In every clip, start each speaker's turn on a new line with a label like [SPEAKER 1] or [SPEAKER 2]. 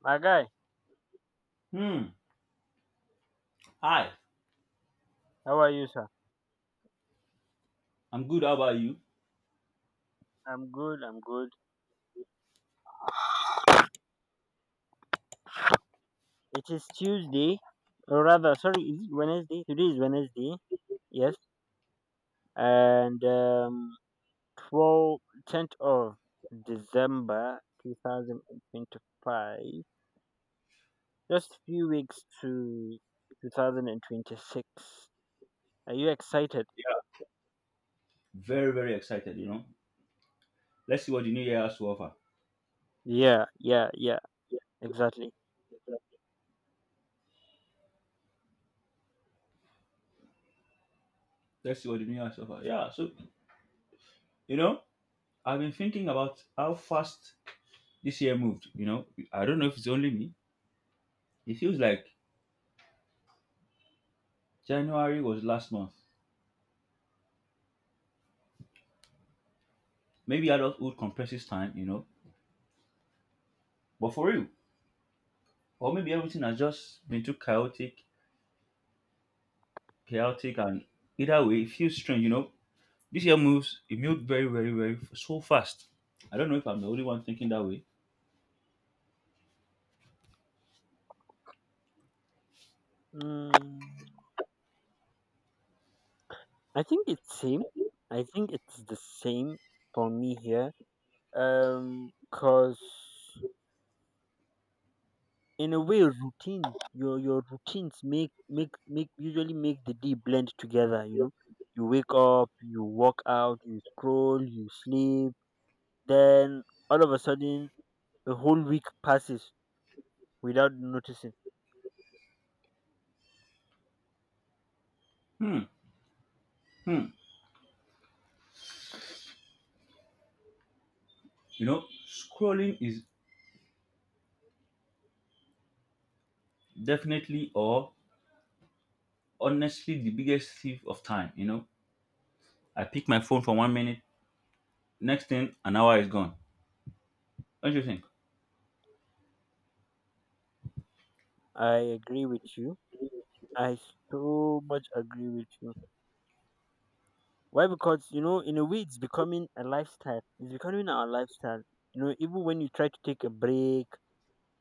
[SPEAKER 1] My guy,
[SPEAKER 2] Hmm. Hi.
[SPEAKER 1] how are you, sir?
[SPEAKER 2] I'm good. How about you?
[SPEAKER 1] I'm good, I'm good. It is Tuesday, or rather, sorry, is it Wednesday? Today is Wednesday, yes. And 12 10th of December 2025. Just few weeks to 2026. Are you excited?
[SPEAKER 2] Yeah. Very, very excited, you know. Let's see what the new year has to offer.
[SPEAKER 1] Yeah, yeah, yeah, exactly.
[SPEAKER 2] Let's see what the new year has to offer. Yeah. You know, I've been thinking about how fast this year moved, you know. I don't know if it's only me. It feels like January was last month. Maybe adulthood compresses time, you know. But for real, or maybe everything has just been too chaotic, chaotic, and either way, it feels strange, you know. It moved so fast. I don't know if I'm the only one thinking that way.
[SPEAKER 1] Mm, I think it's same. I think it's the same for me here. Because in a way, routine, your routines make make make usually make the day blend together. You wake up, you walk out, you scroll, you sleep, then all of a sudden a whole week passes without noticing.
[SPEAKER 2] Hmm. Hmm. You know, scrolling is definitely or honestly the biggest thief of time. You know, I pick my phone for one minute, next thing, an hour is gone. Don't you think?
[SPEAKER 1] I agree with you. I so much agree with you. Why? Because you know, in a way, it's becoming a lifestyle. It's becoming our lifestyle. You know, even when you try to take a break,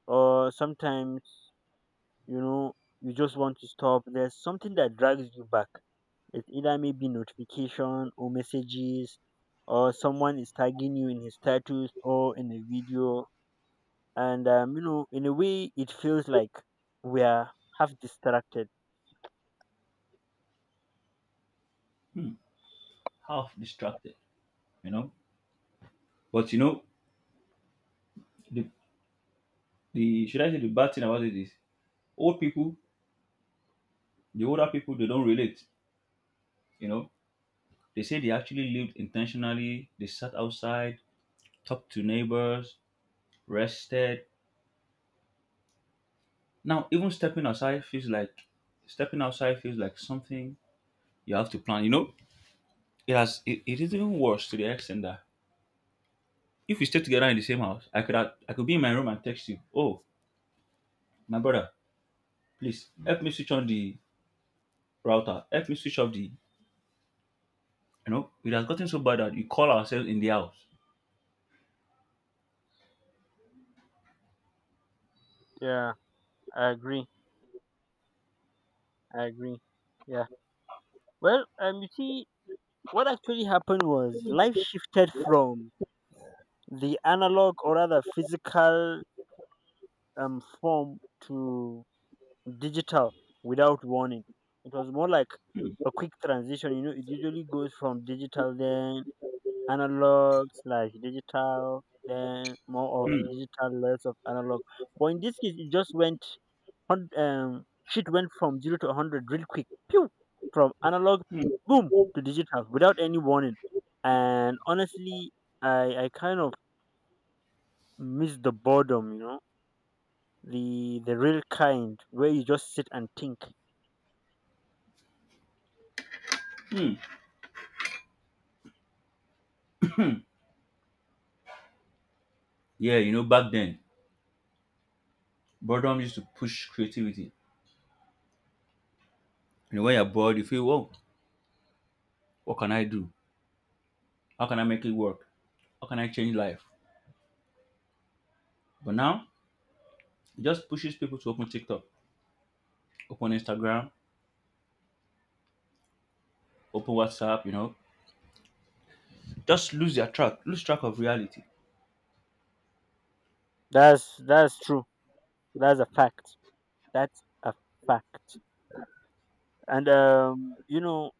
[SPEAKER 1] or sometimes, you know you just want to stop, there's something that drags you back. It's either maybe notification or messages, or someone is tagging you in his status or in a video. And in a way it feels like we are half distracted.
[SPEAKER 2] Hmm, half distracted, you know? But you know, the, the should I say the bad thing about it is old people, the older people, they don't relate, you know? They say they actually lived intentionally, they sat outside, talked to neighbors, rested. Now, even stepping outside feels like stepping outside feels like something you have to plan. You know, it is even worse to the extent that if we stay together in the same house, I could be in my room and text you, oh my brother, please help me switch on the router, help me switch off the, you know, it has gotten so bad that we call ourselves in the house.
[SPEAKER 1] Yeah, I agree, I agree, yeah. Well, you see, what actually happened was life shifted from the analog, or rather physical, form to digital without warning. It was more like a quick transition. You know, it usually goes from digital, then analog slash digital, then more of
[SPEAKER 2] Hmm,
[SPEAKER 1] digital, less of analog. But in this case, it just went shit, went from 0 to 100 real quick. Pew! From analog, boom, to digital without any warning. And honestly, I kind of miss the boredom. You know, the real kind where you just sit and think.
[SPEAKER 2] hmm. Yeah, you know back then boredom used to push creativity. You know when you're bored, you feel, oh, what can I do? How can I make it work? How can I change life? But now it just pushes people to open TikTok, open Instagram, open WhatsApp. You know, just lose track of reality.
[SPEAKER 1] That's true. That's a fact. That's a fact. And you know,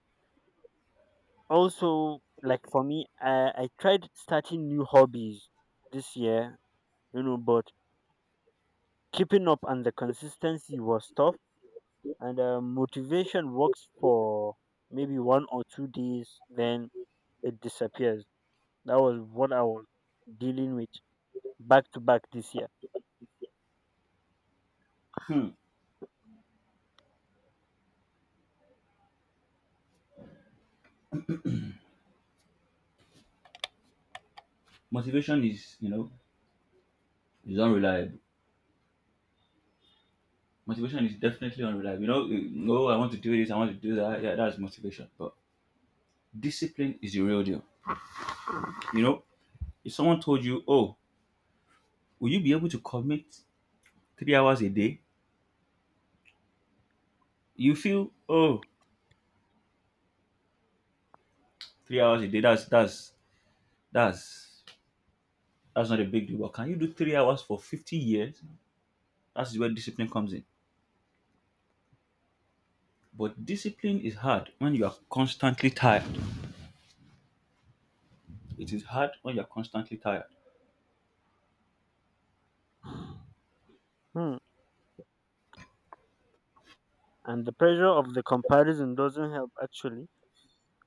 [SPEAKER 1] also like for me, I tried starting new hobbies this year. You know, but keeping up and the consistency was tough. And motivation works for maybe 1 or 2 days, then it disappears. That was what I was dealing with back to back this year.
[SPEAKER 2] Hmm. Motivation is, you know, is unreliable. Motivation is definitely unreliable. Oh, I want to do this, I want to do that. Yeah, that's motivation. But discipline is the real deal. You know, if someone told you, oh, will you be able to commit three hours a day? You feel, oh, three hours a day. That's that's not a big deal. But can you do three hours for 50 years? That's where discipline comes in. But discipline is hard when you are constantly tired. It is hard when you are constantly tired.
[SPEAKER 1] Hmm. And the pressure of the comparison doesn't help, actually.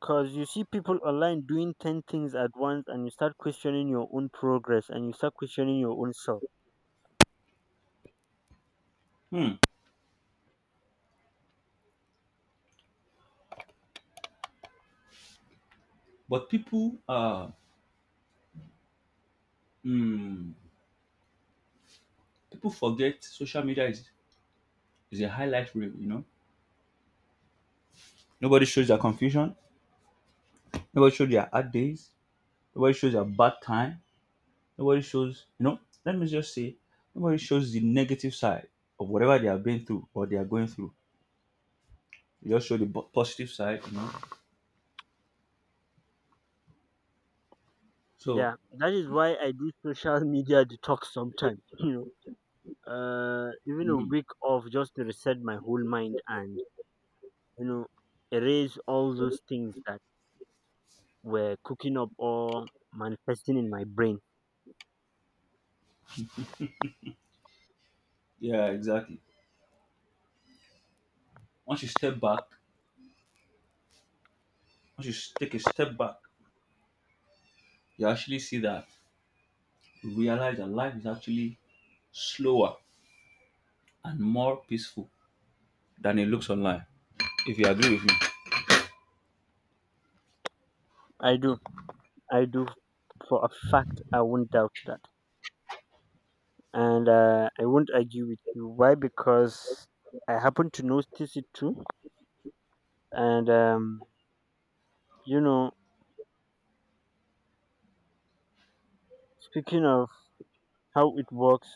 [SPEAKER 1] Because you see people online doing 10 things at once, and you start questioning your own progress and you start questioning your own self.
[SPEAKER 2] Hmm. But people, Mm. People forget social media is a highlight reel, you know. Nobody shows their confusion. Nobody shows their hard days. Nobody shows their bad time. Nobody shows, you know, let me just say, nobody shows the negative side of whatever they have been through or they are going through. They just show the positive side, you know. So,
[SPEAKER 1] Yeah, that is why I do social media detox sometimes, even a
[SPEAKER 2] mm,
[SPEAKER 1] week off just to reset my whole mind, and you know, erase all those things that were cooking up or manifesting in my brain.
[SPEAKER 2] yeah, exactly. Once you step back, take a step back, you actually see that, you realize that life is actually slower and more peaceful than it looks online. If you agree with me.
[SPEAKER 1] I do. I do, for a fact, I won't doubt that. And I won't argue with you. Why? Because I happen to notice it too. And you know, speaking of how it works,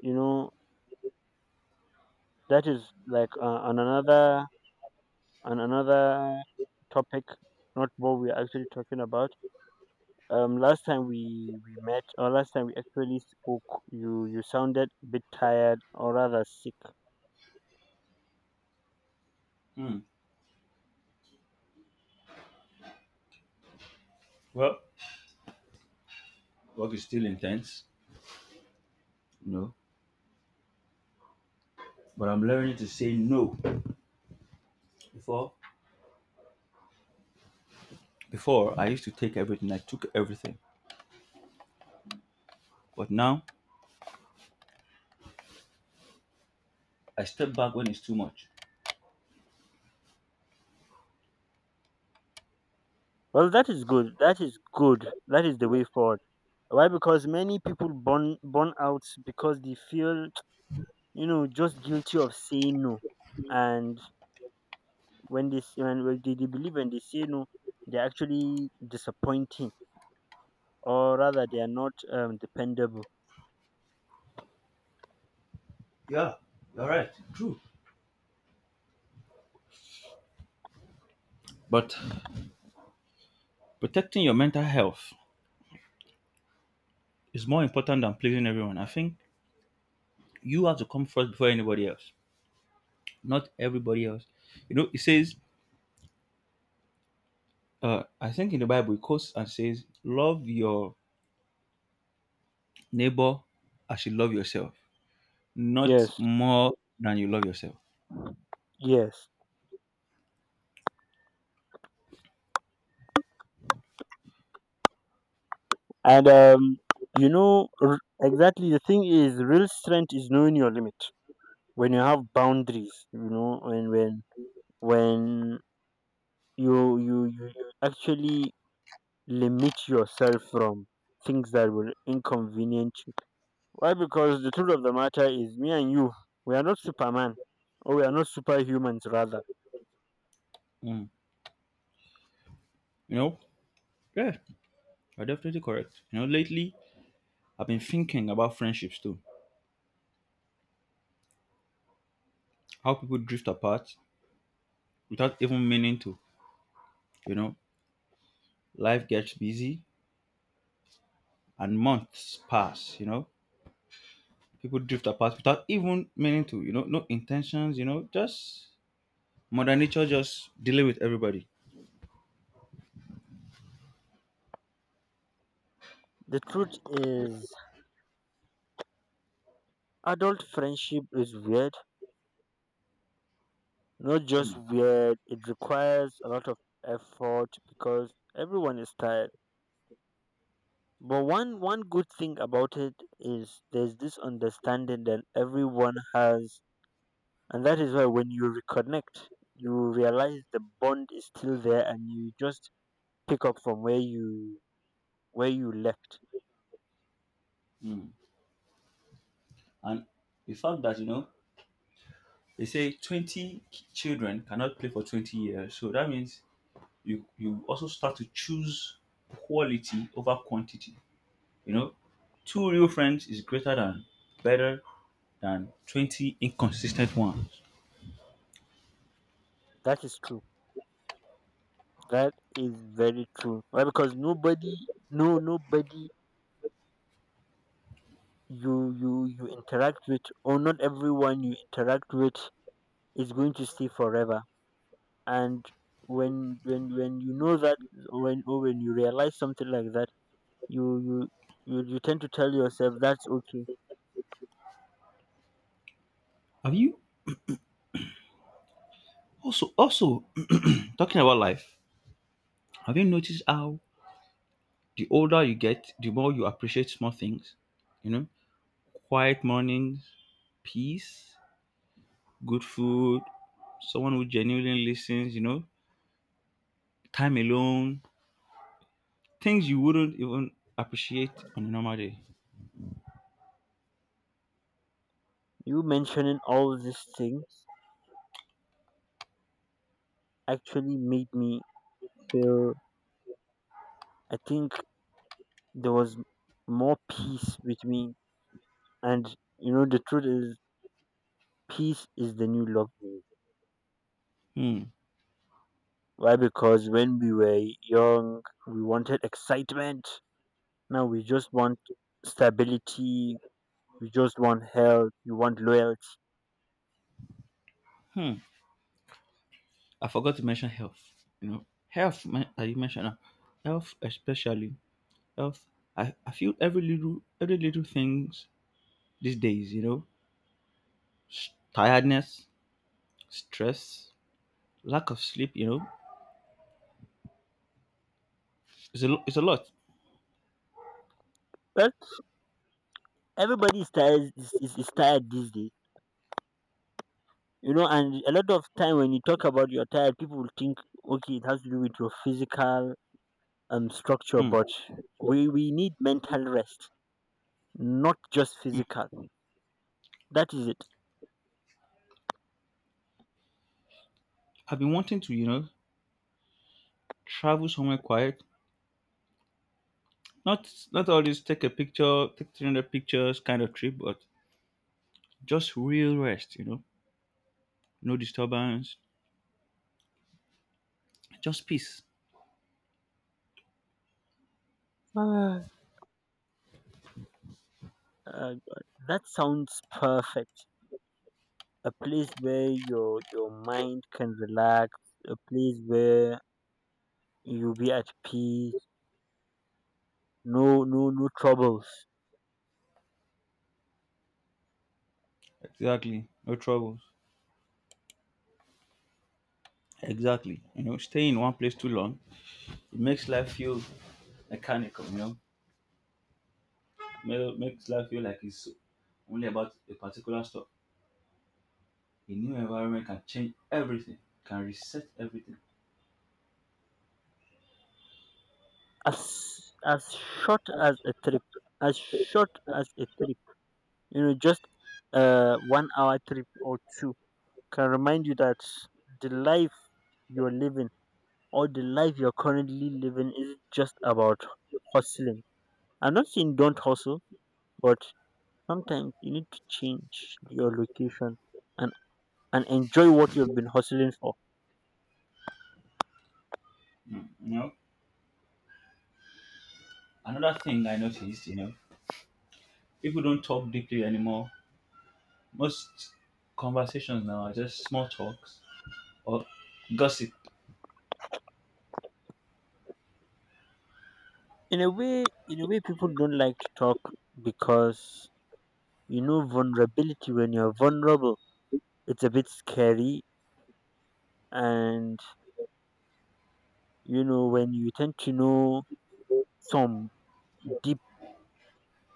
[SPEAKER 1] you know, that is like on another on another topic, not what we're actually talking about. Last time we met, or last time we actually spoke, you sounded a bit tired, or rather sick.
[SPEAKER 2] Hmm. Well, work is still intense, you know, but I'm learning to say no. Before, Before I used to take everything. I took everything, but now I step back when it's too much.
[SPEAKER 1] Well, that is good. That is good. That is the way forward. Why? Because many people burn out because they feel, you know, just guilty of saying no. And when they say, they, believe when they say no, they're actually disappointing, or rather, they are not dependable.
[SPEAKER 2] Yeah, you're right. True. But protecting your mental health is more important than pleasing everyone. I think you have to come first before anybody else. Not everybody else. You know, it says, I think in the Bible, it quotes and says, love your neighbor as you love yourself, not
[SPEAKER 1] Yes,
[SPEAKER 2] more than you love yourself.
[SPEAKER 1] yes, and you know, exactly, the thing is, real strength is knowing your limit. When you have boundaries, you know, when you actually limit yourself from things that will inconvenience. Why? Because the truth of the matter is, me and you, we are not Superman, or we are not superhumans, rather.
[SPEAKER 2] Mm. You know, yeah, you're definitely correct. You know, lately I've been thinking about friendships too. How people drift apart without even meaning to. You know, life gets busy and months pass, you know. People drift apart without even meaning to, you know, no intentions, you know, just Mother Nature just dealing with everybody.
[SPEAKER 1] The truth is, adult friendship is weird. Not just weird, it requires a lot of effort because everyone is tired. But one good thing about it is there's this understanding that everyone has, and that is why when you reconnect, you realize the bond is still there and you just pick up from where you left.
[SPEAKER 2] Mm. And the fact that, you know, they say 20 children cannot play for 20 years. So that means you also start to choose quality over quantity. You know, two real friends is greater than better than 20 inconsistent ones.
[SPEAKER 1] That is true. That is very true. Why? Because nobody, no, nobody you interact with, or not everyone you interact with, is going to stay forever. And when you know that, when you realize something like that, you you you tend to tell yourself that's okay.
[SPEAKER 2] Have you also talking about life? Have you noticed how the older you get, the more you appreciate small things? You know, quiet mornings, peace, good food, someone who genuinely listens, you know, time alone, things you wouldn't even appreciate on a normal day.
[SPEAKER 1] You mentioning all these things actually made me feel. I think there was more peace with me, and you know the truth is, peace is the new love.
[SPEAKER 2] Hmm.
[SPEAKER 1] Why? Because when we were young, we wanted excitement. Now we just want stability. We just want health. We want loyalty.
[SPEAKER 2] Hmm. I forgot to mention health. You know, health. You mentioned now. Health, especially health. I feel every little things these days. You know, tiredness, stress, lack of sleep. You know, it's a it's a lot.
[SPEAKER 1] Well, everybody is tired these days. You know, and a lot of time when you talk about you're tired, people will think, okay, it has to do with your physical structure,
[SPEAKER 2] Hmm.
[SPEAKER 1] but we need mental rest, not just physical. That is it.
[SPEAKER 2] I've been wanting to, you know, travel somewhere quiet. Not always take a picture, take 300 pictures kind of trip, but just real rest. You know, no disturbance, just peace.
[SPEAKER 1] Ah, uh, that sounds perfect. A place where your mind can relax, a place where you be at peace, no troubles.
[SPEAKER 2] Exactly. No troubles. Exactly. You know, stay in one place too long, it makes life feel mechanical, you know. Makes life feel like it's only about a particular stuff. A new environment can change everything, can reset everything.
[SPEAKER 1] As short as a trip, as short as a trip, you know, just 1 hour trip or two can remind you that the life you're living, or the life you're currently living, is just about hustling. I'm not saying don't hustle, but sometimes you need to change your location and enjoy what you've been hustling for.
[SPEAKER 2] Mm. You know, another thing I noticed, you know, people don't talk deeply anymore. Most conversations now are just small talks or gossip.
[SPEAKER 1] In a way, in a way, people don't like to talk, because you know vulnerability. When you're vulnerable, it's a bit scary, and you know when you tend to know some deep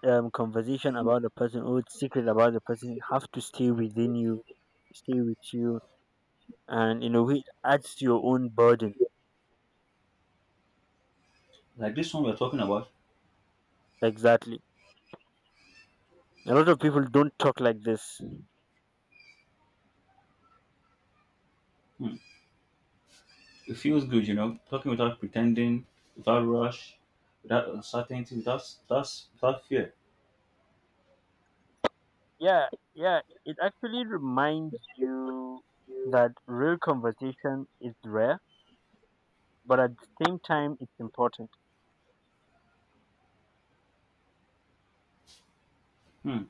[SPEAKER 1] conversation about the person, or secret about the person, it have to stay within you, stay with you, and in a way, it adds to your own burden.
[SPEAKER 2] Like this one we're talking about.
[SPEAKER 1] Exactly. A lot of people don't talk like this.
[SPEAKER 2] Hmm, it feels good, you know, talking without pretending, without rush, without uncertainty, without fear.
[SPEAKER 1] Yeah, yeah, it actually reminds you that real conversation is rare, but at the same time it's important.
[SPEAKER 2] Hmm.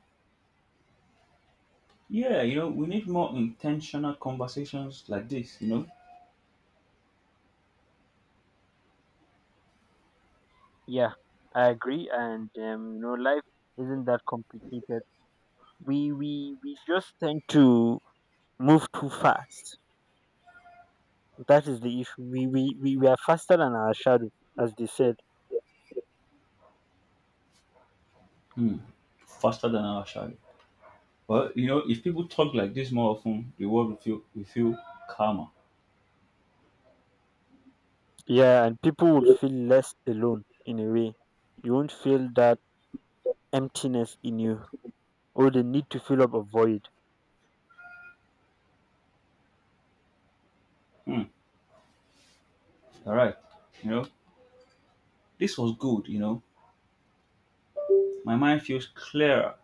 [SPEAKER 2] Yeah, you know, we need more intentional conversations like this, you know,
[SPEAKER 1] Yeah, I agree, and you know, life isn't that complicated. We just tend to move too fast. That is the issue. We we are faster than our shadow, as they said.
[SPEAKER 2] hmm. Faster than our shadow. Well, you know, if people talk like this more often, the world will feel calmer.
[SPEAKER 1] Yeah, and people would feel less alone, in a way. You won't feel that emptiness in you, or the need to fill up a void.
[SPEAKER 2] Hmm. All right. You know, this was good, you know. My mind feels clearer.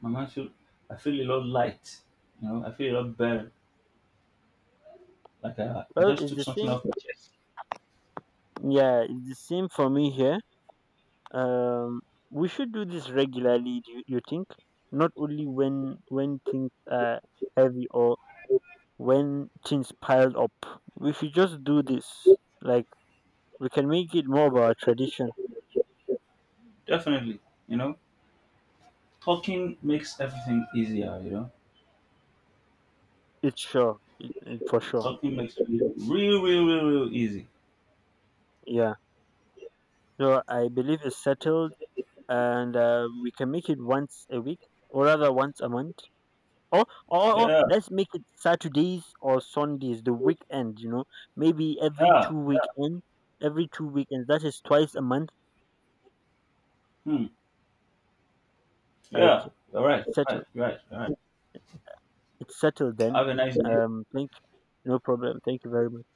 [SPEAKER 2] My mind feel, I feel a lot light. You know, I feel a lot better. Like I
[SPEAKER 1] Well,
[SPEAKER 2] just
[SPEAKER 1] it's
[SPEAKER 2] took
[SPEAKER 1] the
[SPEAKER 2] something
[SPEAKER 1] same.
[SPEAKER 2] off my chest.
[SPEAKER 1] Yeah, it's the same for me here. Um, we should do this regularly. Do you think? Not only when things are heavy, or when things piled up. We should just do this. Like, we can make it more of our tradition.
[SPEAKER 2] Definitely, you know, talking makes everything easier, you know.
[SPEAKER 1] It's sure, it for sure.
[SPEAKER 2] Talking makes it real, real, real, real easy.
[SPEAKER 1] Yeah. So I believe it's settled, and we can make it once a week, or rather once a month. Or
[SPEAKER 2] Yeah,
[SPEAKER 1] let's make it Saturdays or Sundays, the weekend, you know, maybe every
[SPEAKER 2] yeah.
[SPEAKER 1] two weekend, every two weekends. That is twice a month.
[SPEAKER 2] Hmm.
[SPEAKER 1] Okay,
[SPEAKER 2] Yeah, you're right,
[SPEAKER 1] it's
[SPEAKER 2] you're
[SPEAKER 1] settled.
[SPEAKER 2] right, you're right, you're right.
[SPEAKER 1] It's settled then.
[SPEAKER 2] Have a nice day.
[SPEAKER 1] Um, thank, no problem. Thank you very much.